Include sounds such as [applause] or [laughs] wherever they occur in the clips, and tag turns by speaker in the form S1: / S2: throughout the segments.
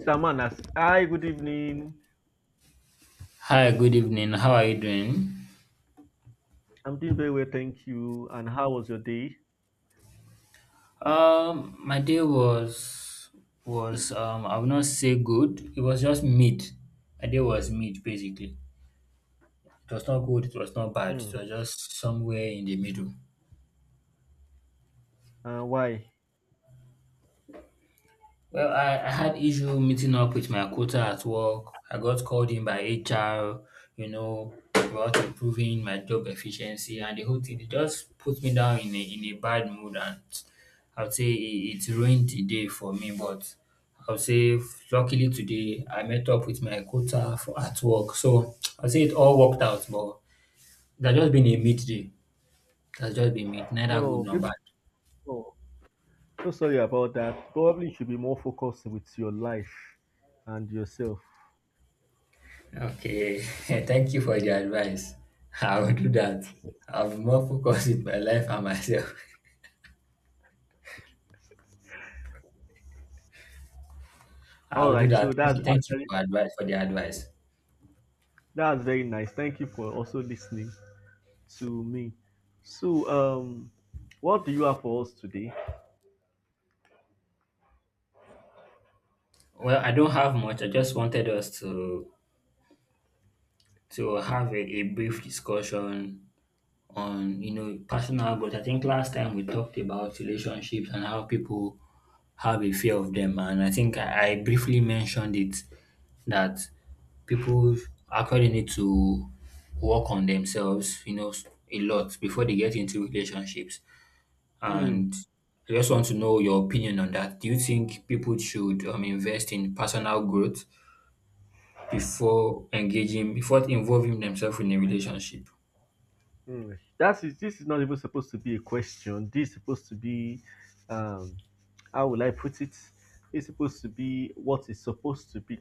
S1: Mr. Manas, hi, good evening.
S2: Hi, good evening. How are you doing?
S1: I'm doing very well, thank you. And how was your day?
S2: My day was was I would not say good. It was just mid. My day was mid basically. It was not good, it was not bad, it
S1: Hmm.
S2: was just somewhere in the middle.
S1: And why?
S2: Well, I had issue meeting up with my quota at work. I got called in by HR, you know, about improving my job efficiency and the whole thing. It just put me down in a bad mood and I would say it ruined the day for me. But I would say luckily today I met up with my quota for at work. So I would say it all worked out, but that's just been a midday. That's just been mid, neither good
S1: No,
S2: nor
S1: baby,
S2: bad.
S1: no. So sorry about that. Probably you should be more focused with your life and yourself.
S2: Okay, [laughs] thank you for the advice. I'll do that. I'll be more focused with my life and myself. [laughs]
S1: All
S2: I'll do
S1: right, so
S2: that.
S1: that's
S2: Thank you
S1: actually
S2: for advice for the advice.
S1: that's very nice. Thank you for also listening to me. So, what do you have for us today?
S2: Well, I don't have much. I just wanted us to have a brief discussion on you know personal growth. I think last time we talked about relationships and how people have a fear of them, and I think I briefly mentioned it that people actually need to work on themselves, you know, a lot before they get into relationships.
S1: Hmm.
S2: And I just want to know your opinion on that. Do you think people should invest in personal growth before engaging, before involving themselves in a relationship?
S1: Mm, that is, this is not even supposed to be a question. This is supposed to be, um, how will I put it? It's supposed to be what it's supposed to be.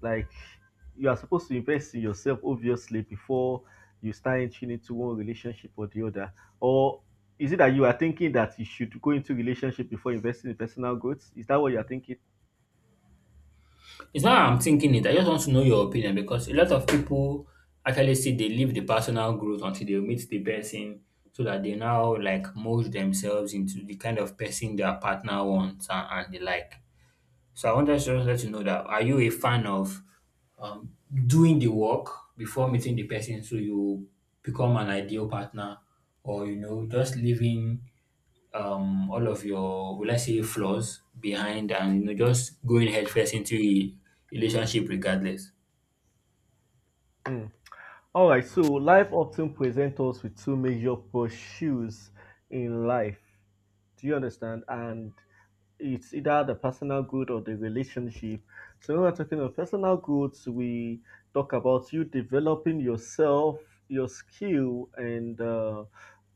S1: Like, you are supposed to invest in yourself, obviously, before you start entering into one relationship or the other. Or is it that you are thinking that you should go into relationship before investing in personal growth? Is that what you are thinking?
S2: It's not how I'm thinking it. I just want to know your opinion because a lot of people actually say they leave the personal growth until they meet the person so that they now like mold themselves into the kind of person their partner wants and they like. So I want to just let you know that are you a fan of um, doing the work before meeting the person so you become an ideal partner or you know just living all of your will I say flaws behind and you know just going headfirst into a relationship regardless?
S1: All right. So life often presents us with two major pursuits in life. Do you understand? And it's either the personal good or the relationship. So when we're talking of personal goods, we talk about you developing yourself, your skill, and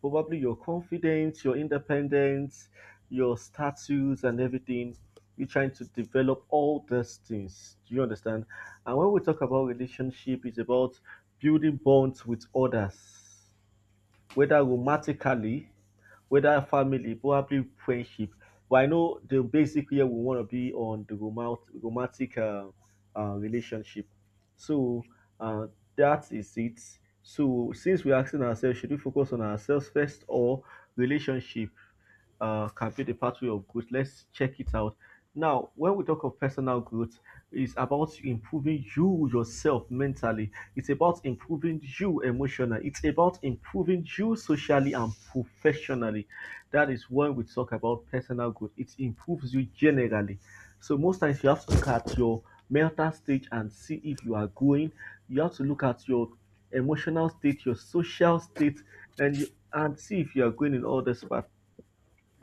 S1: probably your confidence, your independence, your status, and everything. You're trying to develop all those things. Do you understand? And when we talk about relationship, it's about building bonds with others, whether romantically, whether family, probably friendship. But I know the basic here, we want to be on the romantic relationship. So uh, that is it. So since we're asking ourselves, should we focus on ourselves first or relationship? Uh, can be the pathway of growth. Let's check it out. Now, when we talk of personal growth, it's about improving you yourself mentally. It's about improving you emotionally. It's about improving you socially and professionally. That is when we talk about personal growth. It improves you generally. So most times you have to look at your mental state and see if you are growing. You have to look at your emotional state, your social state, and you and see if you are growing in all these parts.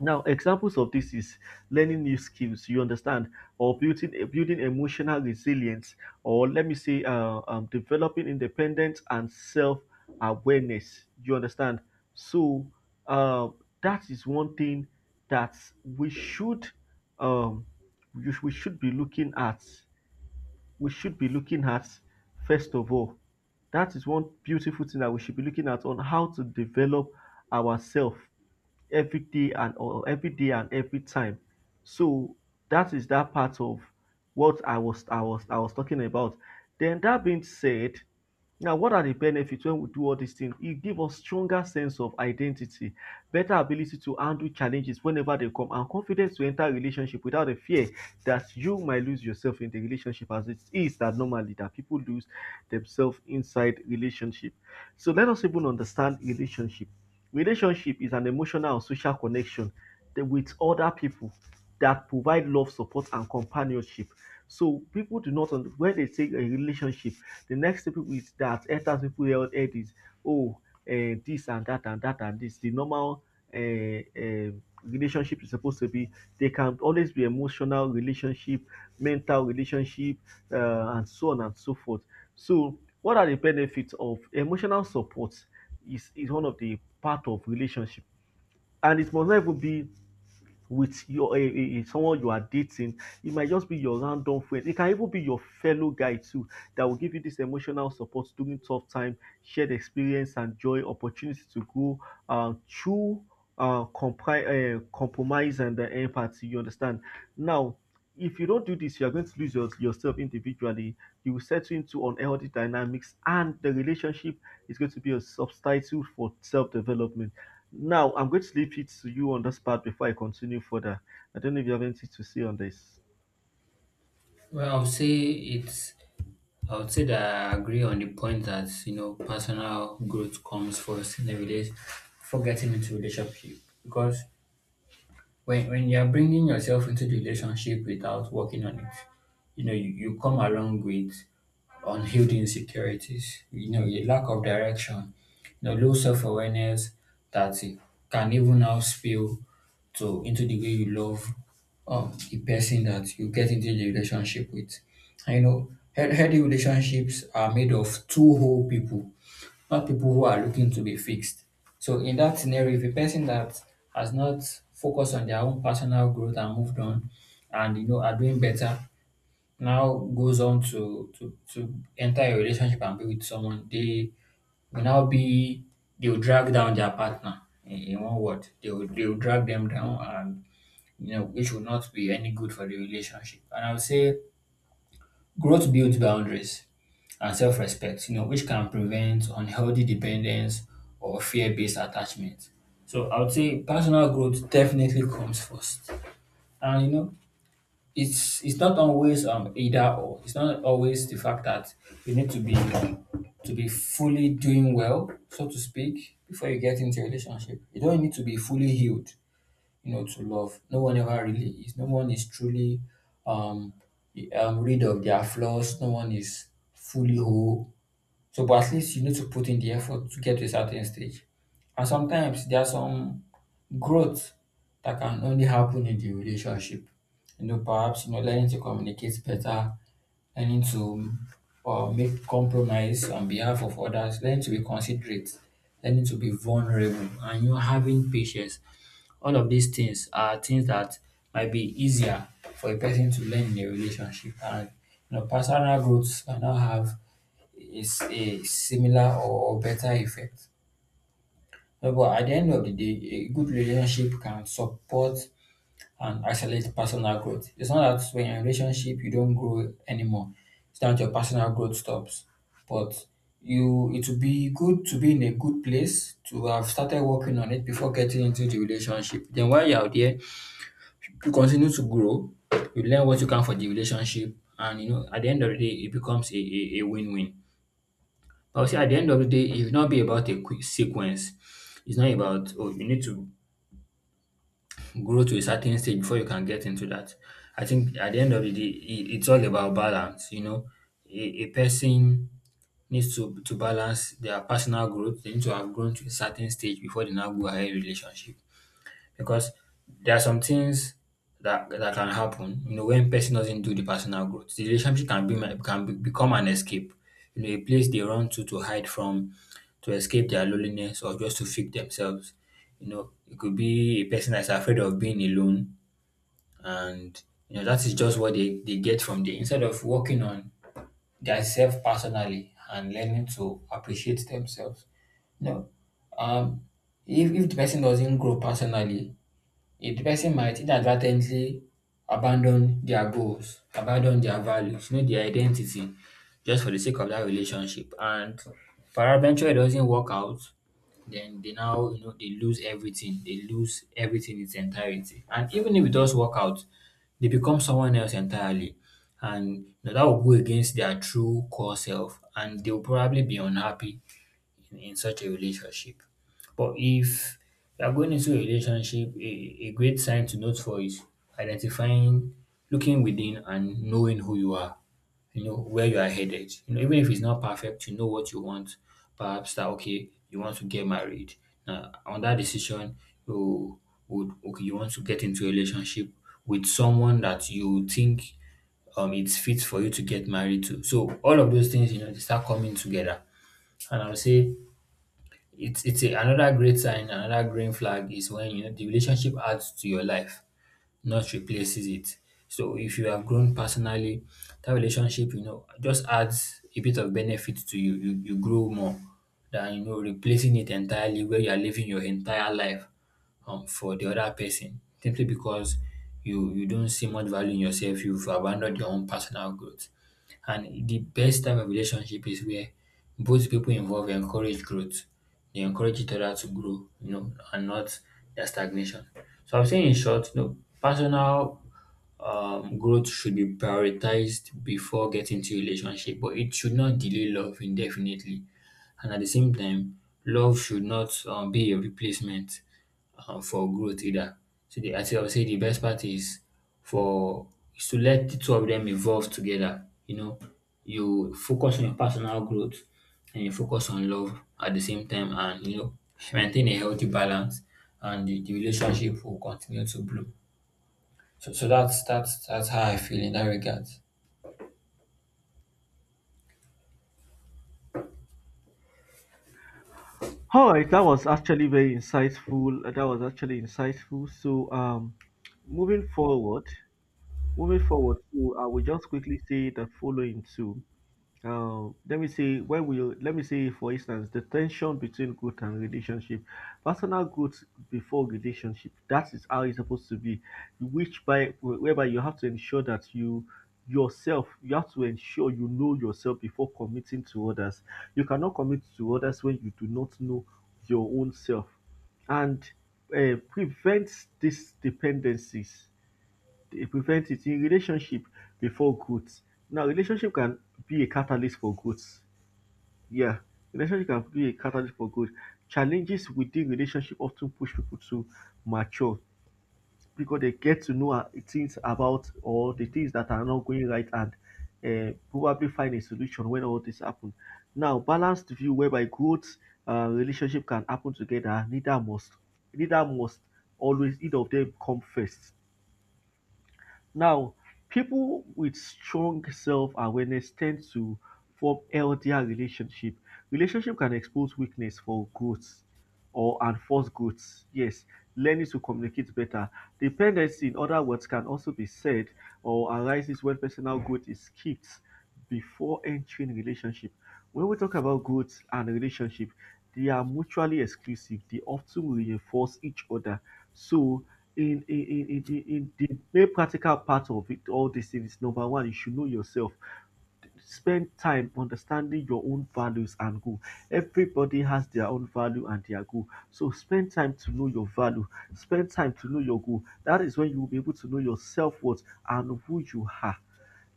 S1: Now, examples of this is learning new skills, you understand, or building emotional resilience, or let me say, developing independence and self awareness. You understand? So uh, that is one thing that we should um, we should be looking at. We should be looking at first of all. That is one beautiful thing that we should be looking at, on how to develop ourselves every day, and every time. So that is that part of what I was talking about. Then that being said, now what are the benefits when we do all these things? It gives us stronger sense of identity, better ability to handle challenges whenever they come, and confidence to enter a relationship without a fear that you might lose yourself in the relationship, as it is that normally that people lose themselves inside relationship. So let us even understand relationship. Relationship is an emotional and social connection with other people that provide love, support, and companionship. So people do not when they say a relationship, the next thing people is that enters people head is, oh, eh, this and that and that and this. The normal uh, relationship is supposed to be, they can always be emotional relationship, mental relationship, and so on and so forth. So what are the benefits of emotional support? Is one of the part of relationship, and it must not even be with your someone you are dating. It might just be your random friend. It can even be your fellow guy too, that will give you this emotional support during tough time, shared experience and joy, opportunity to grow through compromise and empathy. You understand? Now, if you don't do this, you are going to lose yourself individually. You will settle into unhealthy dynamics, and the relationship, it's going to be a subtitle for self development. Now, I'm going to leave it to you on this part before I continue further. I don't know if you have anything to say on this.
S2: Well, I would say it's I would say that I agree on the point that you know personal growth comes first in every day before getting into relationship because when you are bringing yourself into the relationship without working on it, you know, you come along with unhealed insecurities, you know, a lack of direction, you know, low self awareness that it can even now spill to into the way you love the person that you get into the relationship with. And, you know, healthy relationships are made of two whole people, not people who are looking to be fixed. So in that scenario, if a person that has not focused on their own personal growth and moved on and you know are doing better now goes on to enter a relationship and be with someone, will now be they will drag down their partner in one word. They will drag them down and you know which will not be any good for the relationship. And I would say growth builds boundaries and self respect, you know, which can prevent unhealthy dependence or fear based attachment. So I would say personal growth definitely comes first. And you know, it's not always either or. It's not always the fact that you need to be fully doing well, so to speak, before you get into a relationship. You don't need to be fully healed you know to love, no one ever really is, no one is truly um, rid of their flaws, no one is fully whole. So but at least you need to put in the effort to get to a certain stage, and sometimes there are some growth that can only happen in the relationship. You know, perhaps you know, learning to communicate better, learning to make compromise on behalf of others, learning to be considerate, learning to be vulnerable, and you know, having patience. All of these things are things that might be easier for a person to learn in a relationship, and you know, personal growth can now have is a similar or better effect. But well, at the end of the day, a good relationship can support and accelerate personal growth. It's not that when you're in a relationship you don't grow anymore. It's not that your personal growth stops. But you it would be good to be in a good place to have started working on it before getting into the relationship. Then while you're out there, you continue to grow, you learn what you can for the relationship, and you know at the end of the day it becomes a win-win. But I would say at the end of the day, it will not be about a quick sequence. It's not about oh you need to grow to a certain stage before you can get into that. I think at the end of the day, it's all about balance. You know, a person needs to balance their personal growth. They need to have grown to a certain stage before they now go ahead relationship because there are some things that can happen, you know, when person doesn't do the personal growth. The relationship can become an escape, you know, a place they run to hide from, to escape their loneliness or just to fix themselves. You know, it could be a person that's afraid of being alone, and you know that is just what they get from there. Instead of working on their self personally and learning to appreciate themselves, you know, um, if the person doesn't grow personally, a person might inadvertently abandon their goals, abandon their values, you know, their identity just for the sake of that relationship. And peradventure it doesn't work out, then they now, you know, they lose everything. They lose everything in its entirety. And even if it does work out, they become someone else entirely. And you know, that will go against their true core self and they will probably be unhappy in such a relationship. But if you are going into a relationship, a great sign to note for is identifying, looking within, and knowing who you are. You know where you are headed. You know even if it's not perfect, you know what you want. Perhaps that okay, you want to get married. Now on that decision, you would okay, you want to get into a relationship with someone that you think it's fit for you to get married to. So all of those things, you know, they start coming together. And I would say it's a another great sign, another green flag is when you know the relationship adds to your life, not replaces it. So if you have grown personally, that relationship, you know, just adds a bit of benefit to you. You grow more than you know replacing it entirely where you are living your entire life for the other person simply because you don't see much value in yourself, you've abandoned your own personal growth. And the best type of relationship is where both people involved encourage growth. They encourage each other to grow, you know, and not their stagnation. So I'm saying in short, you know, personal growth should be prioritized before getting to relationship, but it should not delay love indefinitely. And at the same time, love should not be a replacement for growth either. So I think I would say the best part is for is to let the two of them evolve together. You know, you focus on your personal growth and you focus on love at the same time, and you know maintain a healthy balance, and the relationship will continue to bloom. So, so that's how I feel in that regard.
S1: All right, that was actually very insightful. That was actually insightful. So, moving forward, moving forward, so I will just quickly say the following too. Uh, let me see. When we Let me see, for instance, the tension between growth and relationship. Personal growth before relationship, that is how it's supposed to be, which by whereby you have to ensure that you yourself, you have to ensure you know yourself before committing to others. You cannot commit to others when you do not know your own self. And prevents these dependencies, they prevent it in relationship before growth. Now, relationship can be a catalyst for growth. Yeah, relationship can be a catalyst for growth. Challenges within relationship often push people to mature, because they get to know things about or the things that are not going right, and probably find a solution when all this happen. Now, balanced view whereby growth, relationship can happen together. Neither must always either of them come first. Now, people with strong self-awareness tend to form healthier relationship. Relationship can expose weakness for growth or and force growth. Yes, learning to communicate better. Dependency, in other words, can also be said or arises when personal growth is skipped before entering relationship. When we talk about growth and relationship, they are mutually exclusive. They often reinforce each other. So in the very practical part of it all these things, number one, you should know yourself, spend time understanding your own values and goal. Everybody has their own value and their goal. So spend time to know your value. Spend time to know your goal. That is when you will be able to know your self-worth and who you are.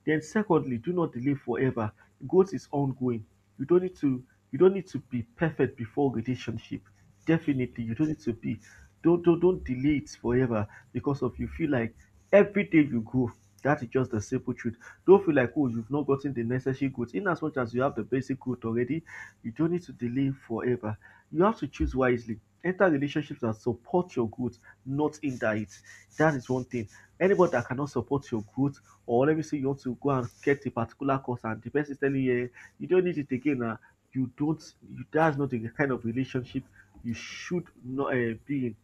S1: Then secondly, do not delay forever. Growth is ongoing. You don't need to you don't need to be perfect before relationship. Definitely, you don't need to be. Don't delay it forever because of you feel like every day you grow. That is just the simple truth. Don't feel like, oh, you've not gotten the necessary goods. In as much as you have the basic good already, you don't need to delay forever. You have to choose wisely. Enter relationships that support your growth, not hinder it. That is one thing. Anybody that cannot support your growth, or let me say you want to go and get a particular course, and the person is telling you, eh, you don't need it again. Ah, you don't. You, that's not the kind of relationship you should not be in.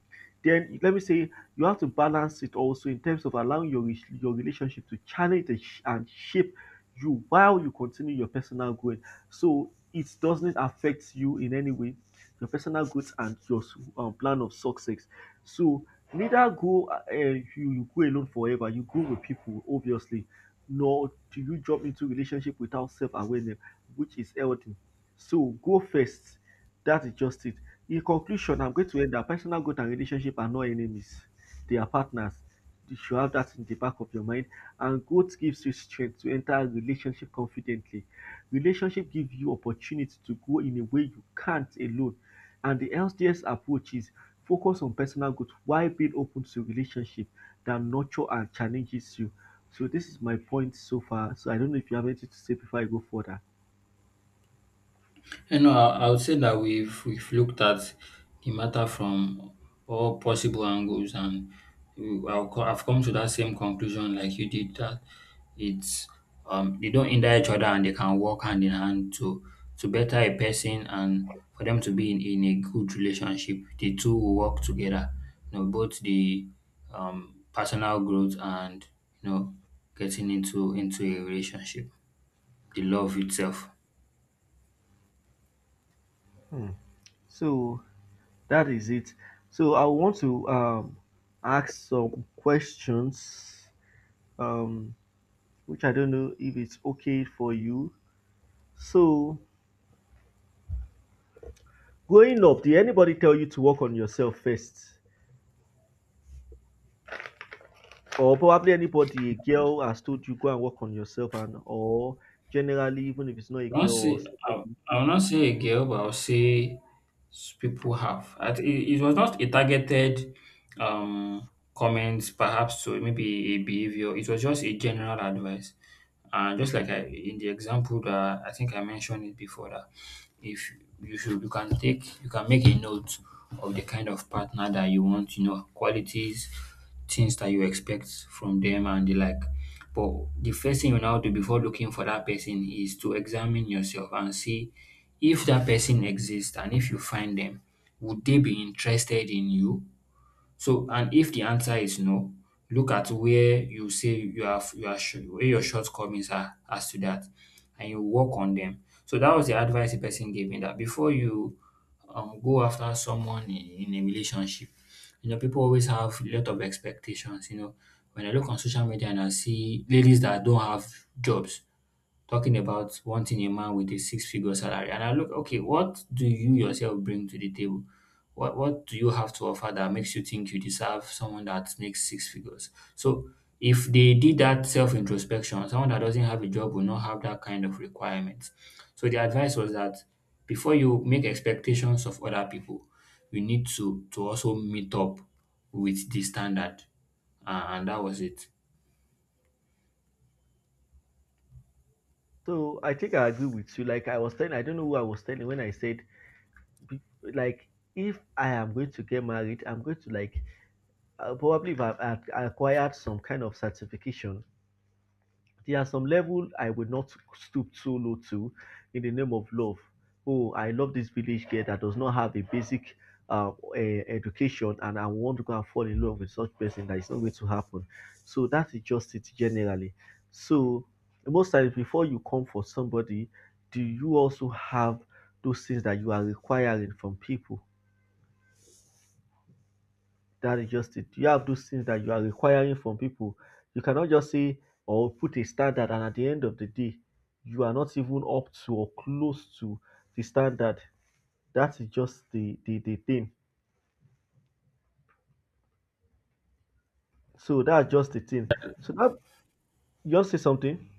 S1: Then let me say you have to balance it also in terms of allowing your relationship to challenge and shape you, while you continue your personal growth. So it doesn't affect you in any way, your personal growth and your plan of success. So neither go, you, you go alone forever. You go with people, obviously. Nor do you jump into relationship without self awareness, which is healthy. So go first. That is just it. In conclusion, I'm going to end that personal growth and relationship are not enemies, their partners. You should have that in the back of your mind. And growth gives you strength to enter a relationship confidently. Relationship give you opportunity to grow in a way you can't alone. And the healthiest approach is focus on personal growth while being open to relationship that nurture and challenges you. So this is my point so far. So I don't know if you have anything to say before I go further.
S2: You know, I would say that we've looked at the matter from all possible angles, and I've come to that same conclusion, like you did, that it's they don't hinder each other and they can work hand in hand to better a person and for them to be in a good relationship. The two will work together, you know, both the personal growth and you know getting into a relationship, the love itself.
S1: So that is it. So I want to ask some questions, which I don't know if it's okay for you. So, growing up, did anybody tell you to work on yourself first? Or probably anybody, a girl has told you go and work on yourself, and or generally, even if it's not a
S2: I won't
S1: girl or
S2: say
S1: somebody.
S2: I will not say a girl, but I will say people have. It, it was not a targeted comment, perhaps, to maybe a behavior. It was just a general advice. And just like in the example that I think I mentioned it before, that if you should, you can take, you can make a note of the kind of partner that you want, you know, qualities, things that you expect from them, and the like. But the first thing you now do before looking for that person is to examine yourself and see if that person exists, and if you find them, would they be interested in you? So, and if the answer is no, look at where you say you have you are sh- where your shortcomings are as to that, and you work on them. So that was the advice the person gave me, that before you go after someone in a relationship, you know, people always have a lot of expectations. You know, when I look on social media and I see ladies that don't have jobs, talking about wanting a man with a six figure salary. And I look, okay, what do you yourself bring to the table? What do you have to offer that makes you think you deserve someone that makes six figures? So if they did that self introspection, someone that doesn't have a job will not have that kind of requirement. So the advice was that before you make expectations of other people, you need to also meet up with the standard. And that was it.
S1: So, I think I agree with you. Like I was telling, I don't know who I was telling when I said, be- like, if I am going to get married, I'm going to like probably if I've acquired some kind of certification. There are some level I will not stoop so low to, in the name of love. Oh, I love this village girl that does not have a basic education, and I want to go and fall in love with such person. That is not going to happen. So that is just it generally. So most times before you come for somebody, do you also have those things that you are requiring from people? That is just it. You have those things that you are requiring from people. You cannot just say or put a standard, and at the end of the day, you are not even up to or close to the standard. That is just the thing. So that's just the thing. So that you want to say something?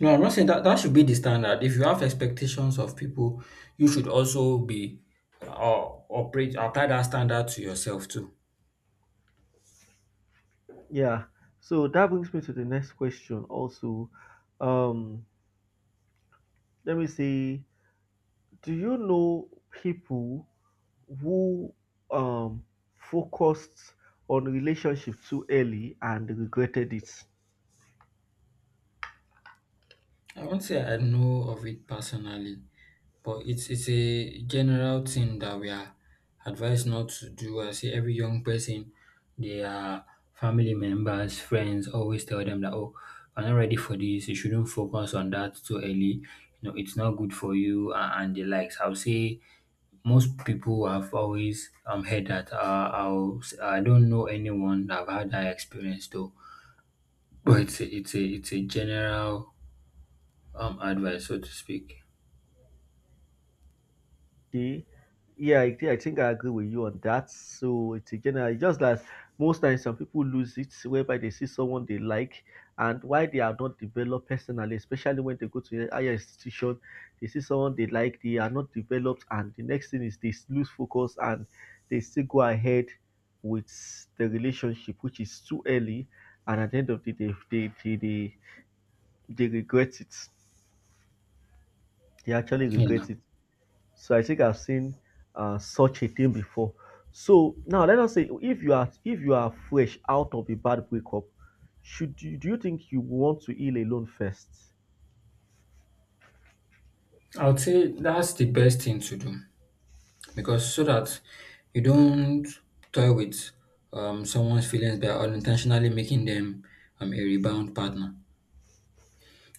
S2: No, I'm not saying that that should be the standard. If you have expectations of people, you should also be or operate apply that standard to yourself too.
S1: Yeah. So that brings me to the next question. Also, um, let me see. Do you know people who um focused on relationship too early and regretted it?
S2: I won't say I know of it personally, but it's a general thing that we are advised not to do. I see every young person, their family members, friends always tell them that, oh, I'm not ready for this. You shouldn't focus on that too early. You know, it's not good for you and the likes. I'll say most people have always heard that. I'll, I don't know anyone that have had that experience though, but it's a general advice, so to speak.
S1: Okay. Yeah, I think I agree with you on that. So it's again just that most times some people lose it whereby they see someone they like and why they are not developed personally, especially when they go to a higher institution, they see someone they like, they are not developed, and the next thing is lose focus and they still go ahead with the relationship, which is too early, and at the end of the day, they regret it. They actually
S2: Yeah.
S1: regret it. So I think I've seen such a thing before. So now let us say if you are fresh out of a bad breakup, do you think you want to heal alone first?
S2: I would say that's the best thing to do, because so that you don't toy with someone's feelings by unintentionally making them a rebound partner.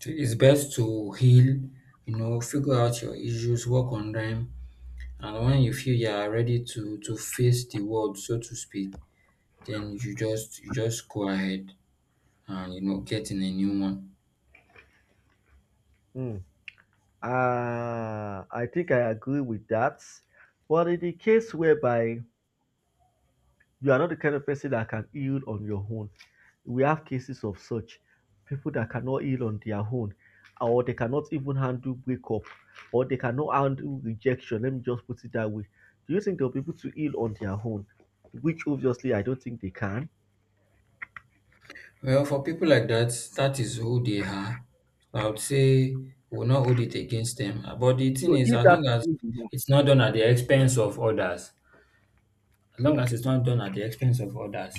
S2: So it's best to heal, you know, figure out your issues, work on them, and when you feel you are ready to face the world, so to speak, then you just go ahead and, you know, get in a new one.
S1: Hmm. I think I agree with that. But in the case whereby you are not the kind of person that can heal on your own. We have cases of such people that cannot heal on their own, or they cannot even handle breakup, or they cannot handle rejection. Let me just put it that way. Do you think they'll be able to heal on their own? Which obviously I don't think they can.
S2: Well, for people like that, that is who they are. I would say we will not hold it against them. But the thing
S1: So
S2: is,
S1: if
S2: as
S1: that
S2: long as
S1: is who you know,
S2: it's not done at the expense of others, as long as it's not done at the expense of others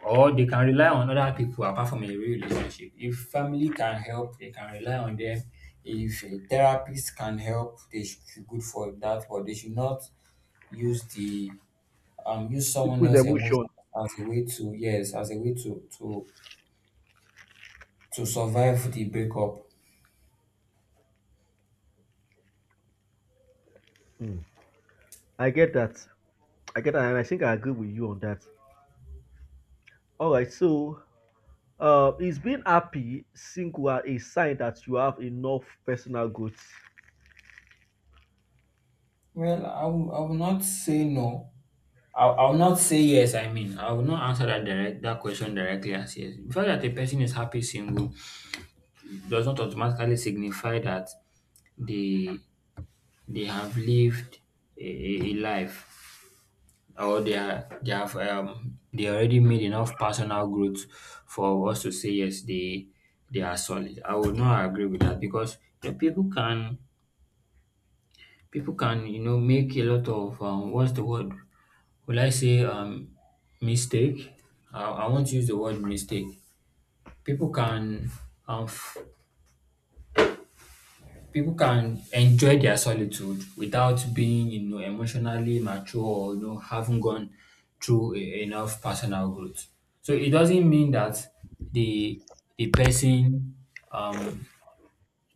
S2: or they can rely on other people apart from a real relationship. If family can help, they can rely on them. If a therapist can help, they should be good for that, but they should not use the use someone
S1: people's
S2: else's emotion
S1: emotion.
S2: as a way to, yes, as a way to to survive the breakup.
S1: Mm. I get that. I get that, and I think I agree with you on that. All right, so is being happy single a sign that you have enough personal goods?
S2: Well, I will not say no. I'll not say yes. I mean, I will not answer that question directly as yes. The fact that a person is happy single does not automatically signify that they they have lived a a life, or they have they already made enough personal growth for us to say, yes, they are solid. I would not agree with that, because, you know, people can, people can you know, make a lot of what's the word, will I say mistake. I won't use the word mistake. People can um, f- people can enjoy their solitude without being, you know, emotionally mature, or, you know, having gone through enough personal growth. So it doesn't mean that the the person um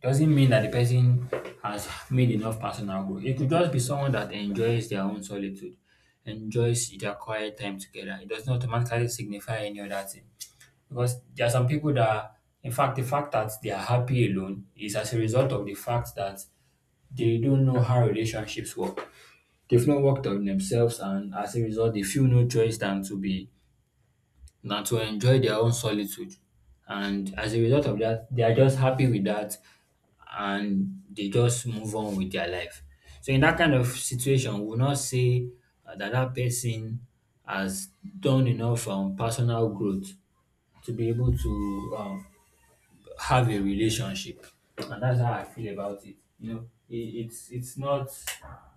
S2: it doesn't mean that the person has made enough personal growth. It could just be someone that enjoys their own solitude, enjoys their quiet time together. It does not automatically signify any other thing. Because there are some people that, in fact, the fact that they are happy alone is as a result of the fact that they don't know how relationships work. They've not worked on themselves, and as a result they feel no choice than to be than to enjoy their own solitude. And as a result of that, they are just happy with that, and they just move on with their life. So in that kind of situation, we will not say that that person has done enough personal growth to be able to have a relationship. And that's how I feel about it. You know, it's not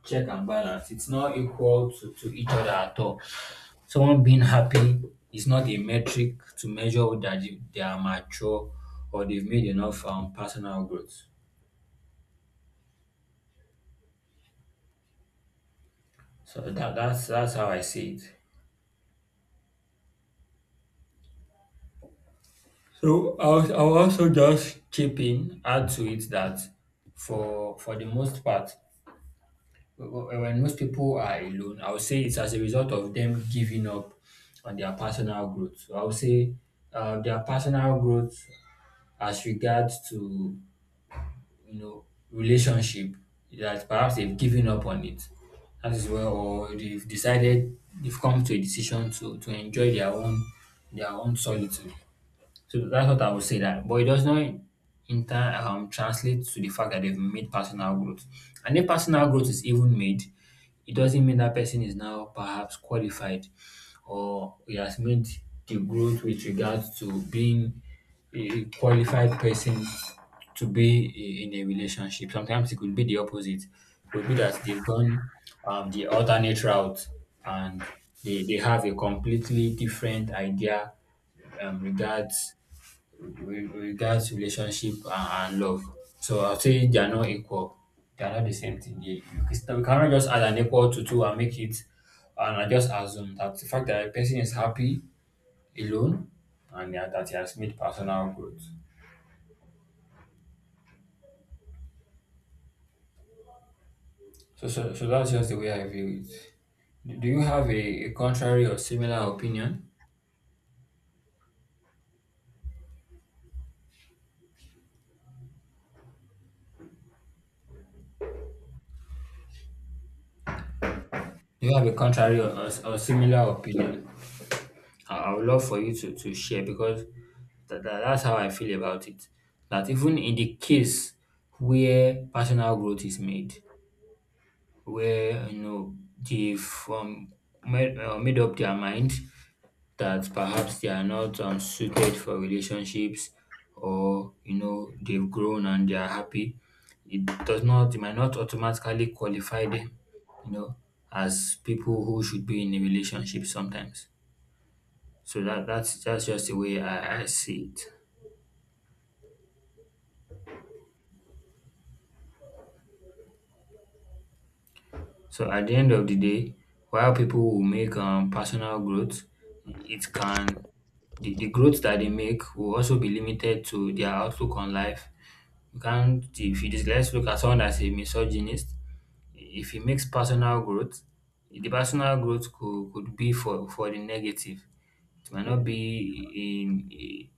S2: check and balance. It's not equal to each other at all. Someone being happy is not a metric to measure that they are mature or they've made enough personal growth. So that's that's how I see it. So I'll also just chip in, add to it that, for the most part, when most people are alone, I would say it's as a result of them giving up on their personal growth. So I would say their personal growth as regards to, you know, relationship, that perhaps they've given up on it. That is, well, or they've come to a decision to enjoy their own solitude. So that's what I would say, that, but it does not in time translate to the fact that they've made personal growth. And if personal growth is even made, it doesn't mean that person is now perhaps qualified, or he has made the growth with regards to being a qualified person to be in a relationship. Sometimes it could be the opposite. It could be that they've gone the alternate route, and they have a completely different idea um, regards regards relationship and love. So I'll say they are not equal. They are not the same thing. You cannot just add an equal to two and make it, and I just assume that the fact that a person is happy alone and that he has made personal growth. So that's just the way I view it. Do you have a contrary or similar opinion? Do you have a contrary or similar opinion? I would love for you to share, because that that's how I feel about it. That even in the case where personal growth is made, where, you know, they've made up their mind that perhaps they are not suited for relationships, or, you know, they've grown and they are happy, it might not automatically qualify them, you know, as people who should be in a relationship sometimes. So that's just the way I see it. So at the end of the day, while people will make personal growth, it can, the growth that they make will also be limited to their outlook on life. You can't, if you just, let's look at someone that's a misogynist, if he makes personal growth, the personal growth could be for the negative. It might not
S1: Hmm.
S2: be in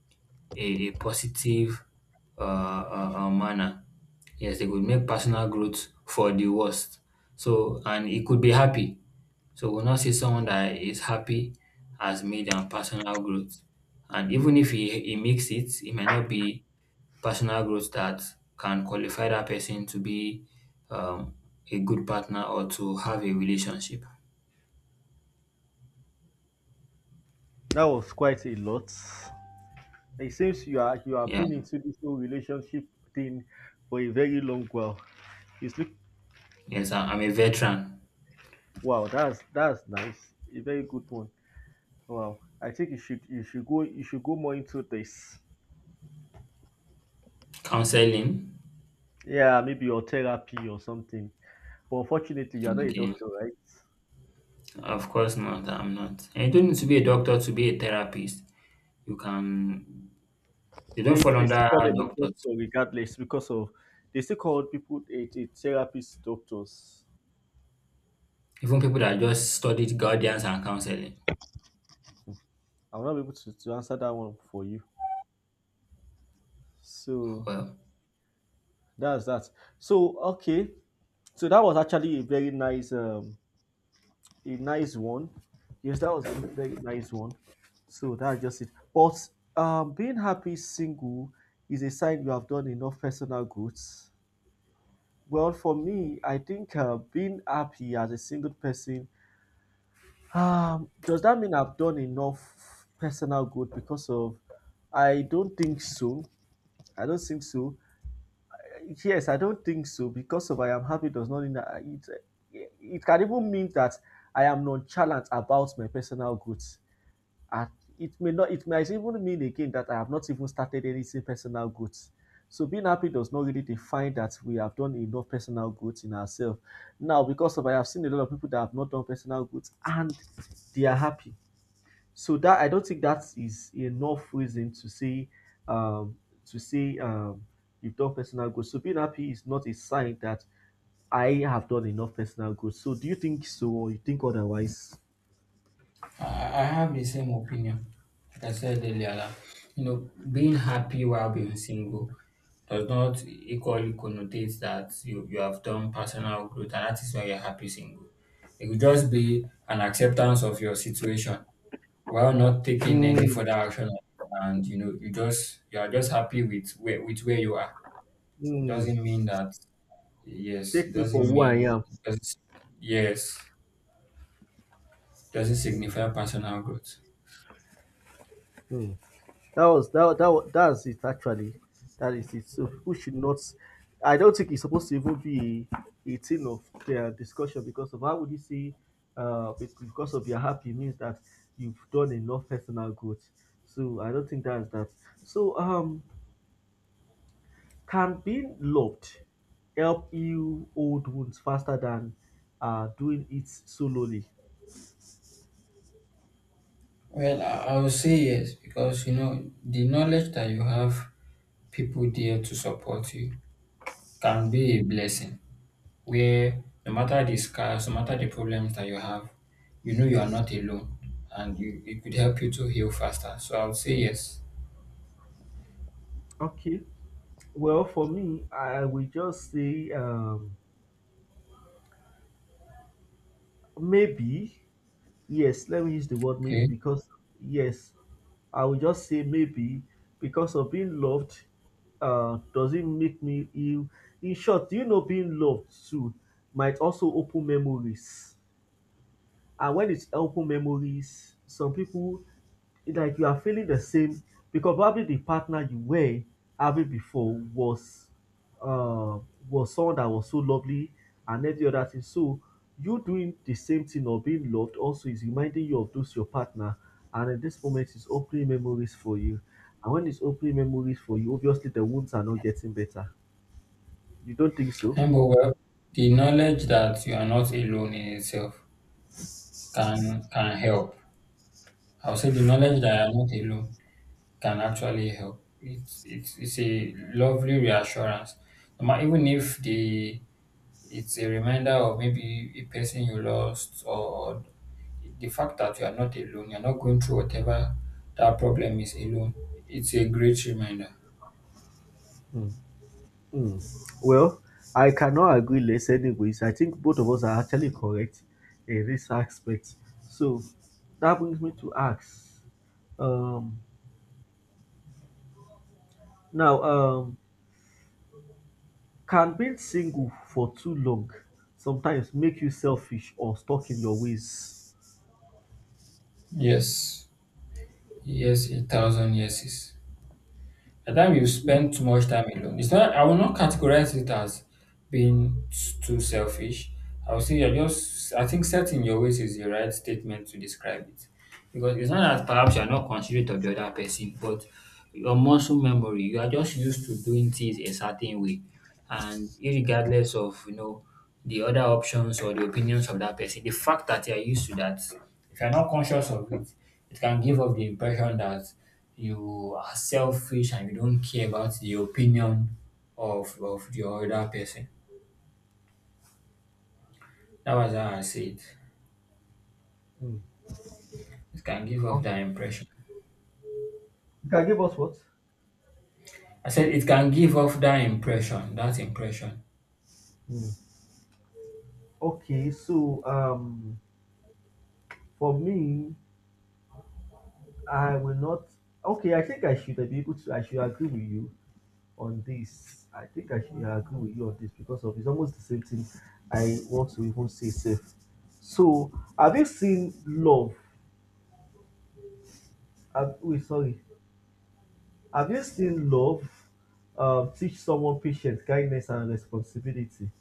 S2: a positive manner. Yes, they could make personal growth for the worst. So, and it could be happy. So, we'll not see someone that is happy has made an personal growth. And even if he makes it, it might not be personal growth that can qualify that person to be um, a good partner or to have a relationship.
S1: That was quite a lot. It seems you have
S2: Yeah.
S1: been into this whole relationship thing for a very long while. It's look,
S2: Yes, I'm a veteran.
S1: wow, that's nice. A very good one. Wow. I think you should go more into this.
S2: Counseling.
S1: Yeah, maybe your therapy or something. But unfortunately you are not a
S2: Okay.
S1: doctor, right?
S2: Of course not. I'm not. And you don't need to be a doctor to be a therapist. You can. They don't
S1: Yeah, you know
S2: fall
S1: they still
S2: under
S1: call them a
S2: doctors.
S1: doctor regardless because of they still call people a therapist doctors.
S2: Even people that just studied guardians and counseling.
S1: I'm not able to answer that one for you. So
S2: Well,
S1: that's that. So okay, so that was actually a very nice, a nice one. Yes, that was a very nice one. So that's just it. But being happy single is a sign you have done enough personal growth. Well, for me, I think being happy as a single person, does that mean I've done enough personal growth because of? I don't think so. I don't think so. Yes, I don't think so because of I am happy does not mean that it it can even mean that I am nonchalant about my personal growth. And it may not it might even mean again that I have not even started anything personal growth. So being happy does not really define that we have done enough personal growth in ourselves. Now, because of I have seen a lot of people that have not done personal growth and they are happy. So that I don't think that is enough reason to say um, to say um, you've done personal growth. So being happy is not a sign that I have done enough personal growth. So do you think so, or you think otherwise?
S2: I have the same opinion. Like I said earlier, that, you know, being happy while being single does not equally connotate that you have done personal growth, and that is why you're happy single. It could just be an acceptance of your situation while not taking any
S1: Hmm.
S2: further action on it, and you know, you are just happy with where you are. It
S1: Hmm.
S2: doesn't mean that, yes, it
S1: Take me for
S2: doesn't
S1: who I
S2: mean,
S1: am.
S2: it doesn't, yes, it doesn't
S1: Hmm.
S2: signify personal growth.
S1: Hmm. That was that that wa- That's it actually. That is it. So people should not. I don't think it's supposed to even be a thing of their discussion because of how would you say, because of your happy means that you've done enough personal growth. So I don't think that's that. So can being loved help heal old wounds faster than doing it solely?
S2: Well, I would say yes, because you know the knowledge that you have people there to support you can be a blessing. Where no matter the scars, no matter the problems that you have, you know you are not alone, and you, it could help you to heal faster. So I would say yes.
S1: Okay. Well, for me, I will just say maybe. Yes, let me use the word maybe
S2: Okay.
S1: because, yes, I will just say maybe because of being loved doesn't make me ill. In short, being loved too might also open memories. And when it's open memories, some people like you are feeling the same because probably the partner you were having before uh was someone that was so lovely and every other thing. So you doing the same thing or being loved also is reminding you of those your partner, and at this moment it's opening memories for you. And when it's opening memories for you, obviously the wounds are not getting better. You don't think so?
S2: And but Well, the knowledge that you are not alone in itself can help. I would say the knowledge that you are not alone can actually help. It's a lovely reassurance. Even if the it's a reminder of maybe a person you lost, or the fact that you are not alone, you're not going through whatever that problem is alone. It's a great reminder.
S1: Mm. Well, I cannot agree less anyways. I think both of us are actually correct in this aspect. So that brings me to ask. Um now can being single for too long sometimes make you selfish or stuck in your ways?
S2: Yes. Yes, a thousand yeses. The time you spend too much time alone. It's not. I will not categorize it as being too selfish. I will say you're just. I think setting your ways is the right statement to describe it. Because it's not that perhaps you are not considerate of the other person, but your muscle memory, you are just used to doing things a certain way. And irregardless of, the other options or the opinions of that person, the fact that you are used to that, if you're not conscious of it, it can give off the impression that you are selfish and you don't care about the opinion of the other person. That was how I see it.
S1: Mm.
S2: It can give off
S1: Um,
S2: that impression.
S1: you can give us what?
S2: I said it can give off that impression, that impression.
S1: Mm. Okay, so for me, I will not. Okay, I think I should be able to I should agree with you on this. I think I should agree with you on this because of it's almost the same thing I want to even say safe. So have you seen love? Have, wait, sorry. Have you seen love teach someone patience, kindness, and responsibility?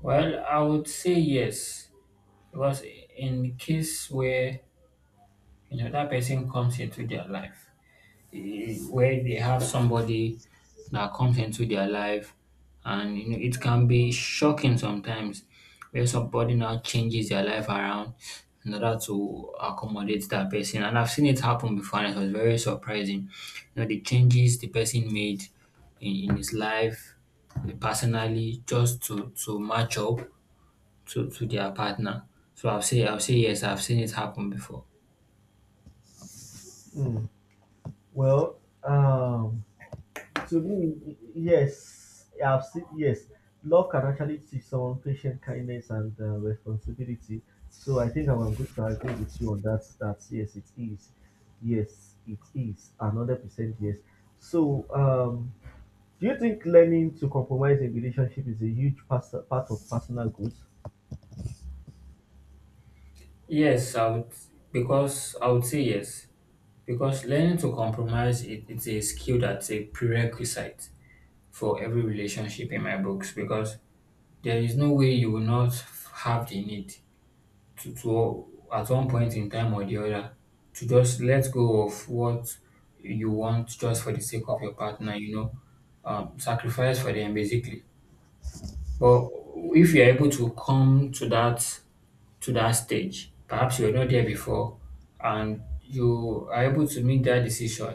S2: Well, I would say yes, because in case where you know that person comes into their life, where they have somebody that comes into their life, and you know it can be shocking sometimes where somebody now changes their life around in order to accommodate that person. And I've seen it happen before, and it was very surprising. You know the changes the person made in his life, personally just to match up to their partner. So I'll say yes. I've seen it happen before.
S1: Hmm. Well, um, to me, yes, I've seen, yes, love can actually teach someone patient, kindness, and responsibility. So I think I'm going to agree with you on that. That yes, it is. Yes, it is. Another percent yes. So, do you think learning to compromise in relationship is a huge part of personal growth?
S2: Yes, I would I would say yes. Because learning to compromise it's a skill that's a prerequisite for every relationship in my books because there is no way you will not have the need to at one point in time or the other to just let go of what you want just for the sake of your partner, you know, sacrifice for them basically. But if you're able to come to that stage, perhaps you are not there before and you are able to make that decision.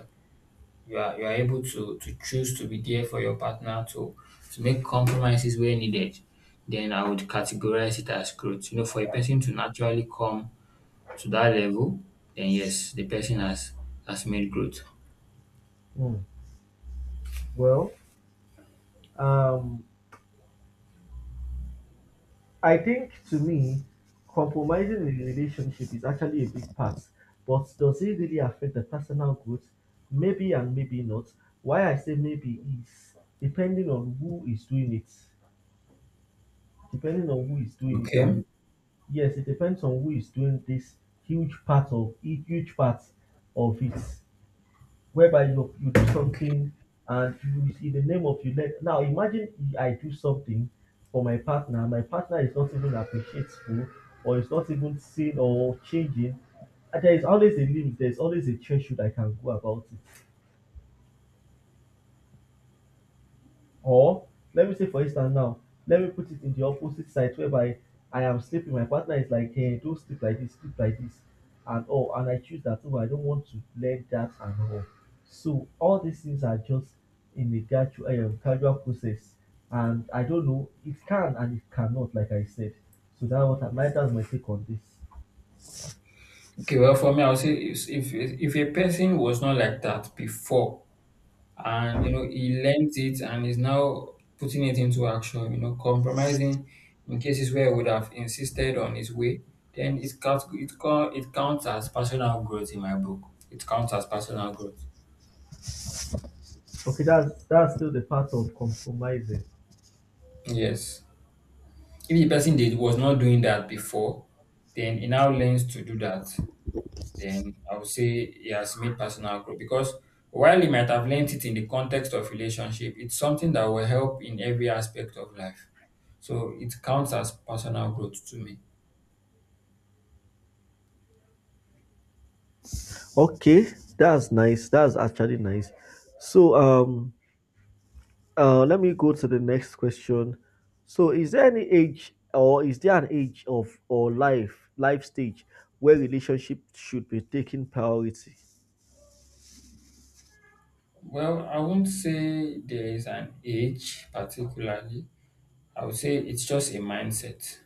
S2: You are able to choose to be there for your partner to make compromises where needed. Then I would categorize it as growth. You know, for a person to naturally come to that level, then yes, the person has made growth.
S1: Hmm. Well, um, I think to me, compromising in a relationship is actually a big part, but does it really affect the personal growth? Maybe and maybe not. Why I say maybe is depending on who is doing it, depending on who is doing it,
S2: Okay.
S1: and yes, it depends on who is doing this huge part of it whereby you do
S2: Okay.
S1: something and you it's in the name of you. Let now imagine if I do something for my partner, my partner is not even appreciative or is not even seen or changing, and there is always a limit. There is always a threshold I can go about it. Or let me say, for instance now, let me put it in the opposite side whereby I am sleeping, my partner is like, hey, don't sleep like this, and all. And I choose that, oh, I don't want to let that and all. So all these things are just in the gradual process. And I don't know, it can and it cannot, like I said. So that what that's my take on this.
S2: Okay, well, for me, I would say if a person was not like that before, and you know he learnt it and is now putting it into action, you know, compromising in cases where he would have insisted on his way, then it counts as personal growth in my book, it counts as personal growth.
S1: Okay, that's still the part of compromising.
S2: Yes, if the person did was not doing that before, then he now learns to do that, then I would say it has made personal growth because while you might have learnt it in the context of relationship, it's something that will help in every aspect of life. So it counts as personal growth to me.
S1: Okay, that's nice. That's actually nice. So let me go to the next question. So, is there any age, or is there an age of or life stage where relationship should be taking priority?
S2: Well, I won't say there is an age particularly. I would say it's just a mindset.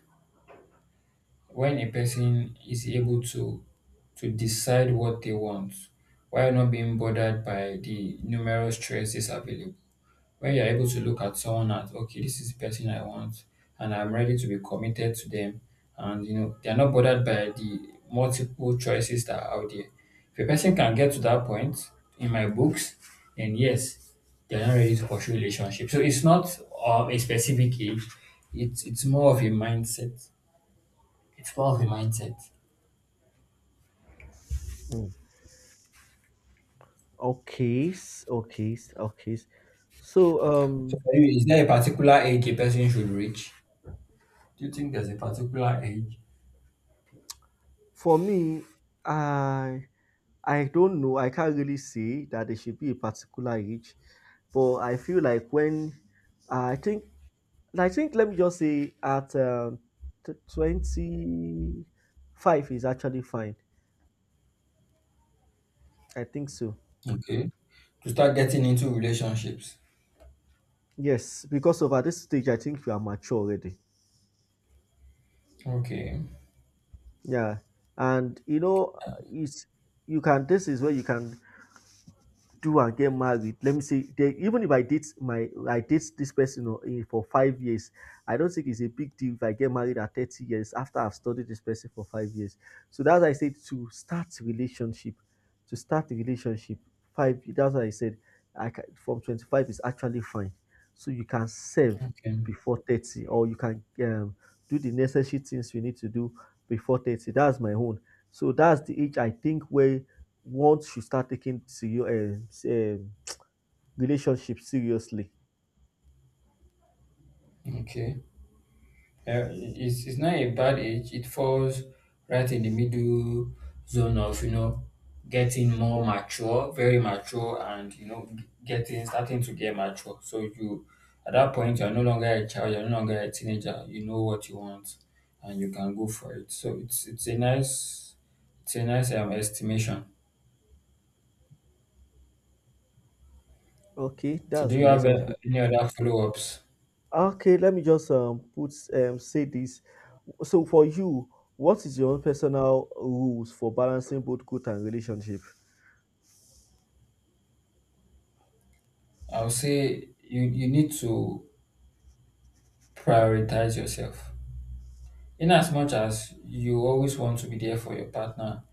S2: When a person is able to decide what they want while not being bothered by the numerous choices available. When you're able to look at someone as, okay, this is the person I want and I'm ready to be committed to them, and you know they're not bothered by the multiple choices that are out there, if a person can get to that point, in my books, then yes, they're not ready to pursue relationship. So it's not a specific age. It's more of a mindset, it's more of a mindset.
S1: Mm. Okay, s- okay, s- okay. s- So,
S2: So for you, is there a particular age a person should reach? Do you think there's a particular age,
S1: for me, I I don't know. I can't really say that there should be a particular age, but I feel like when I think and I think let me just say at 25 is actually fine. I think so.
S2: okay, to start getting into relationships?
S1: Yes, because of at this stage, I think you are mature already.
S2: Okay,
S1: Yeah, and you know, it's you can. This is where you can do and get married. Let me say there, even if I date this person o, eh, for 5 years, I don't think it's a big deal if I get married at 30 years after I've studied this person for 5 years. So that's why I said to start a relationship. Five that's why I said I can, from 25 is actually fine. So you can serve
S2: okay,
S1: before 30, or you can do the necessary things you need to do before 30. That's my own. So that's the age I think where once you start taking serious relationship seriously.
S2: okay. Uh, it's not a bad age. It falls right in the middle zone of, you know, getting more mature, very mature, and, you know, getting, starting to get mature. So you, at that point, you're no longer a child, you're no longer a teenager. You know what you want and you can go for it. So it's a nice estimation.
S1: Okay,
S2: So do
S1: that's
S2: you have
S1: nice. Also,
S2: any other follow-ups?
S1: okay, let me just put say this. So for you, what is your own personal rules for balancing both growth and relationship?
S2: I would say you need to prioritize yourself. In as much as you always want to be there for your partner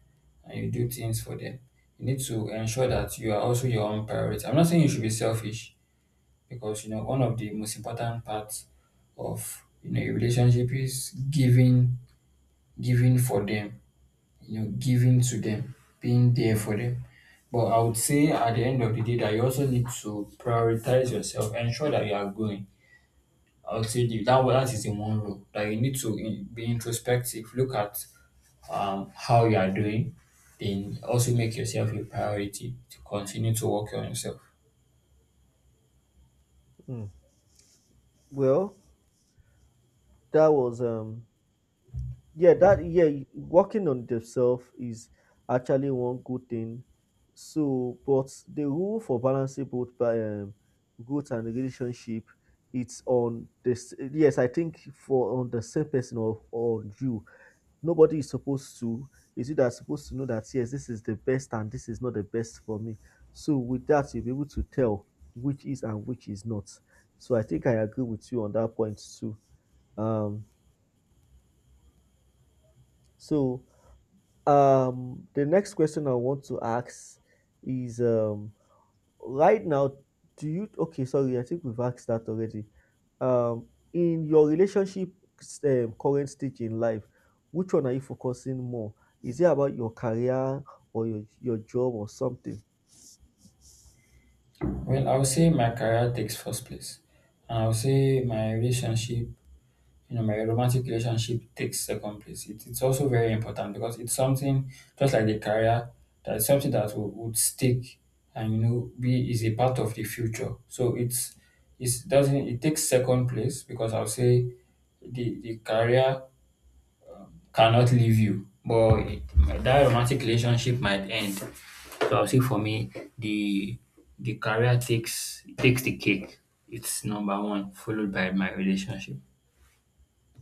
S2: and you do things for them, you need to ensure that you are also your own priority. I'm not saying you should be selfish, because you know one of the most important parts of, you know, a relationship is giving for them, you know, giving to them, being there for them. But I would say at the end of the day that you also need to prioritize yourself, ensure that you are growing. I would say that is in one role, that you need to be introspective, look at how you are doing, then also make yourself a priority to continue to work on yourself.
S1: Hmm. Well, that was yeah, that yeah working on themselves is actually one good thing. So but the rule for balancing both by growth and relationship, it's on this. Yes, I think for on the same person or on you, nobody is supposed to is it that supposed to know that yes, this is the best and this is not the best for me. So with that you'll be able to tell which is and which is not. So I think I agree with you on that point too. um so the next question I want to ask is right now, okay, sorry, I think we've asked that already. Um, in your relationship current stage in life, which one are you focusing more? Is it about your career or your job or something?
S2: Well, I would say my career takes first place, and I would say my relationship, you know, my romantic relationship takes second place. It's also very important because it's something, just like the career, that is something that would stick and you know be is a part of the future. So it doesn't it takes second place because I would say the career cannot leave you. But that romantic relationship might end. So I'll say for me, the the career takes takes the cake. It's number one, followed by my relationship.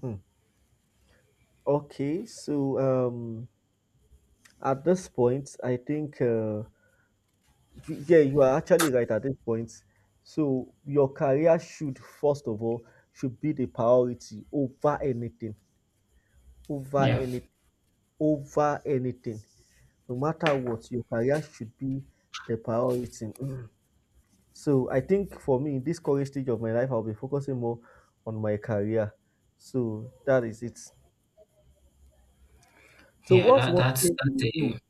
S1: Hmm. Okay, so at this point, I think. Yeah, you are actually right at this point. So your career should first of all should be the priority over anything, over
S2: Yeah,
S1: any, over anything. No matter what, your career should be the priority. Mm. So I think for me, in this current stage of my life, I'll be focusing more on my career. So that is it. So
S2: yeah.
S1: what's
S2: That
S1: one thing
S2: that's
S1: you do?
S2: a,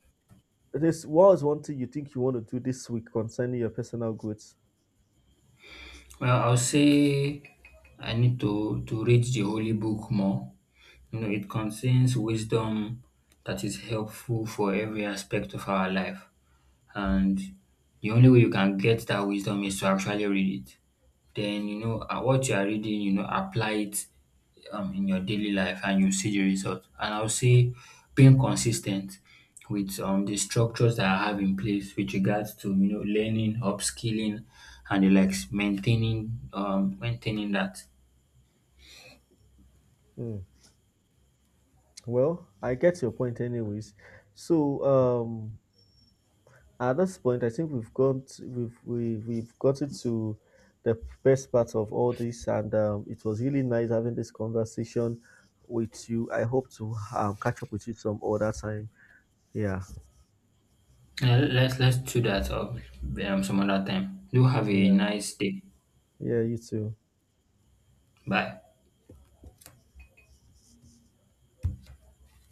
S1: This, what's one thing you think you want to do this week concerning your personal growth?
S2: well. I'll say I need to read the holy book more. You know, it contains wisdom that is helpful for every aspect of our life. And the only way you can get that wisdom is to actually read it. Then you know what you are reading, you know, apply it in your daily life and you see the result. And I'll say being consistent with the structures that I have in place with regards to, you know, learning, upskilling, and the likes, maintaining maintaining that.
S1: Hmm. Well, I get your point anyways. So, at this point I think we've gone to, we've we, we've gotten to the best part of all this, and it was really nice having this conversation with you. I hope to catch up with you some other time. Yeah.
S2: Let's do that some other time. Do have a
S1: Yeah.
S2: nice day.
S1: Yeah, you too.
S2: Bye.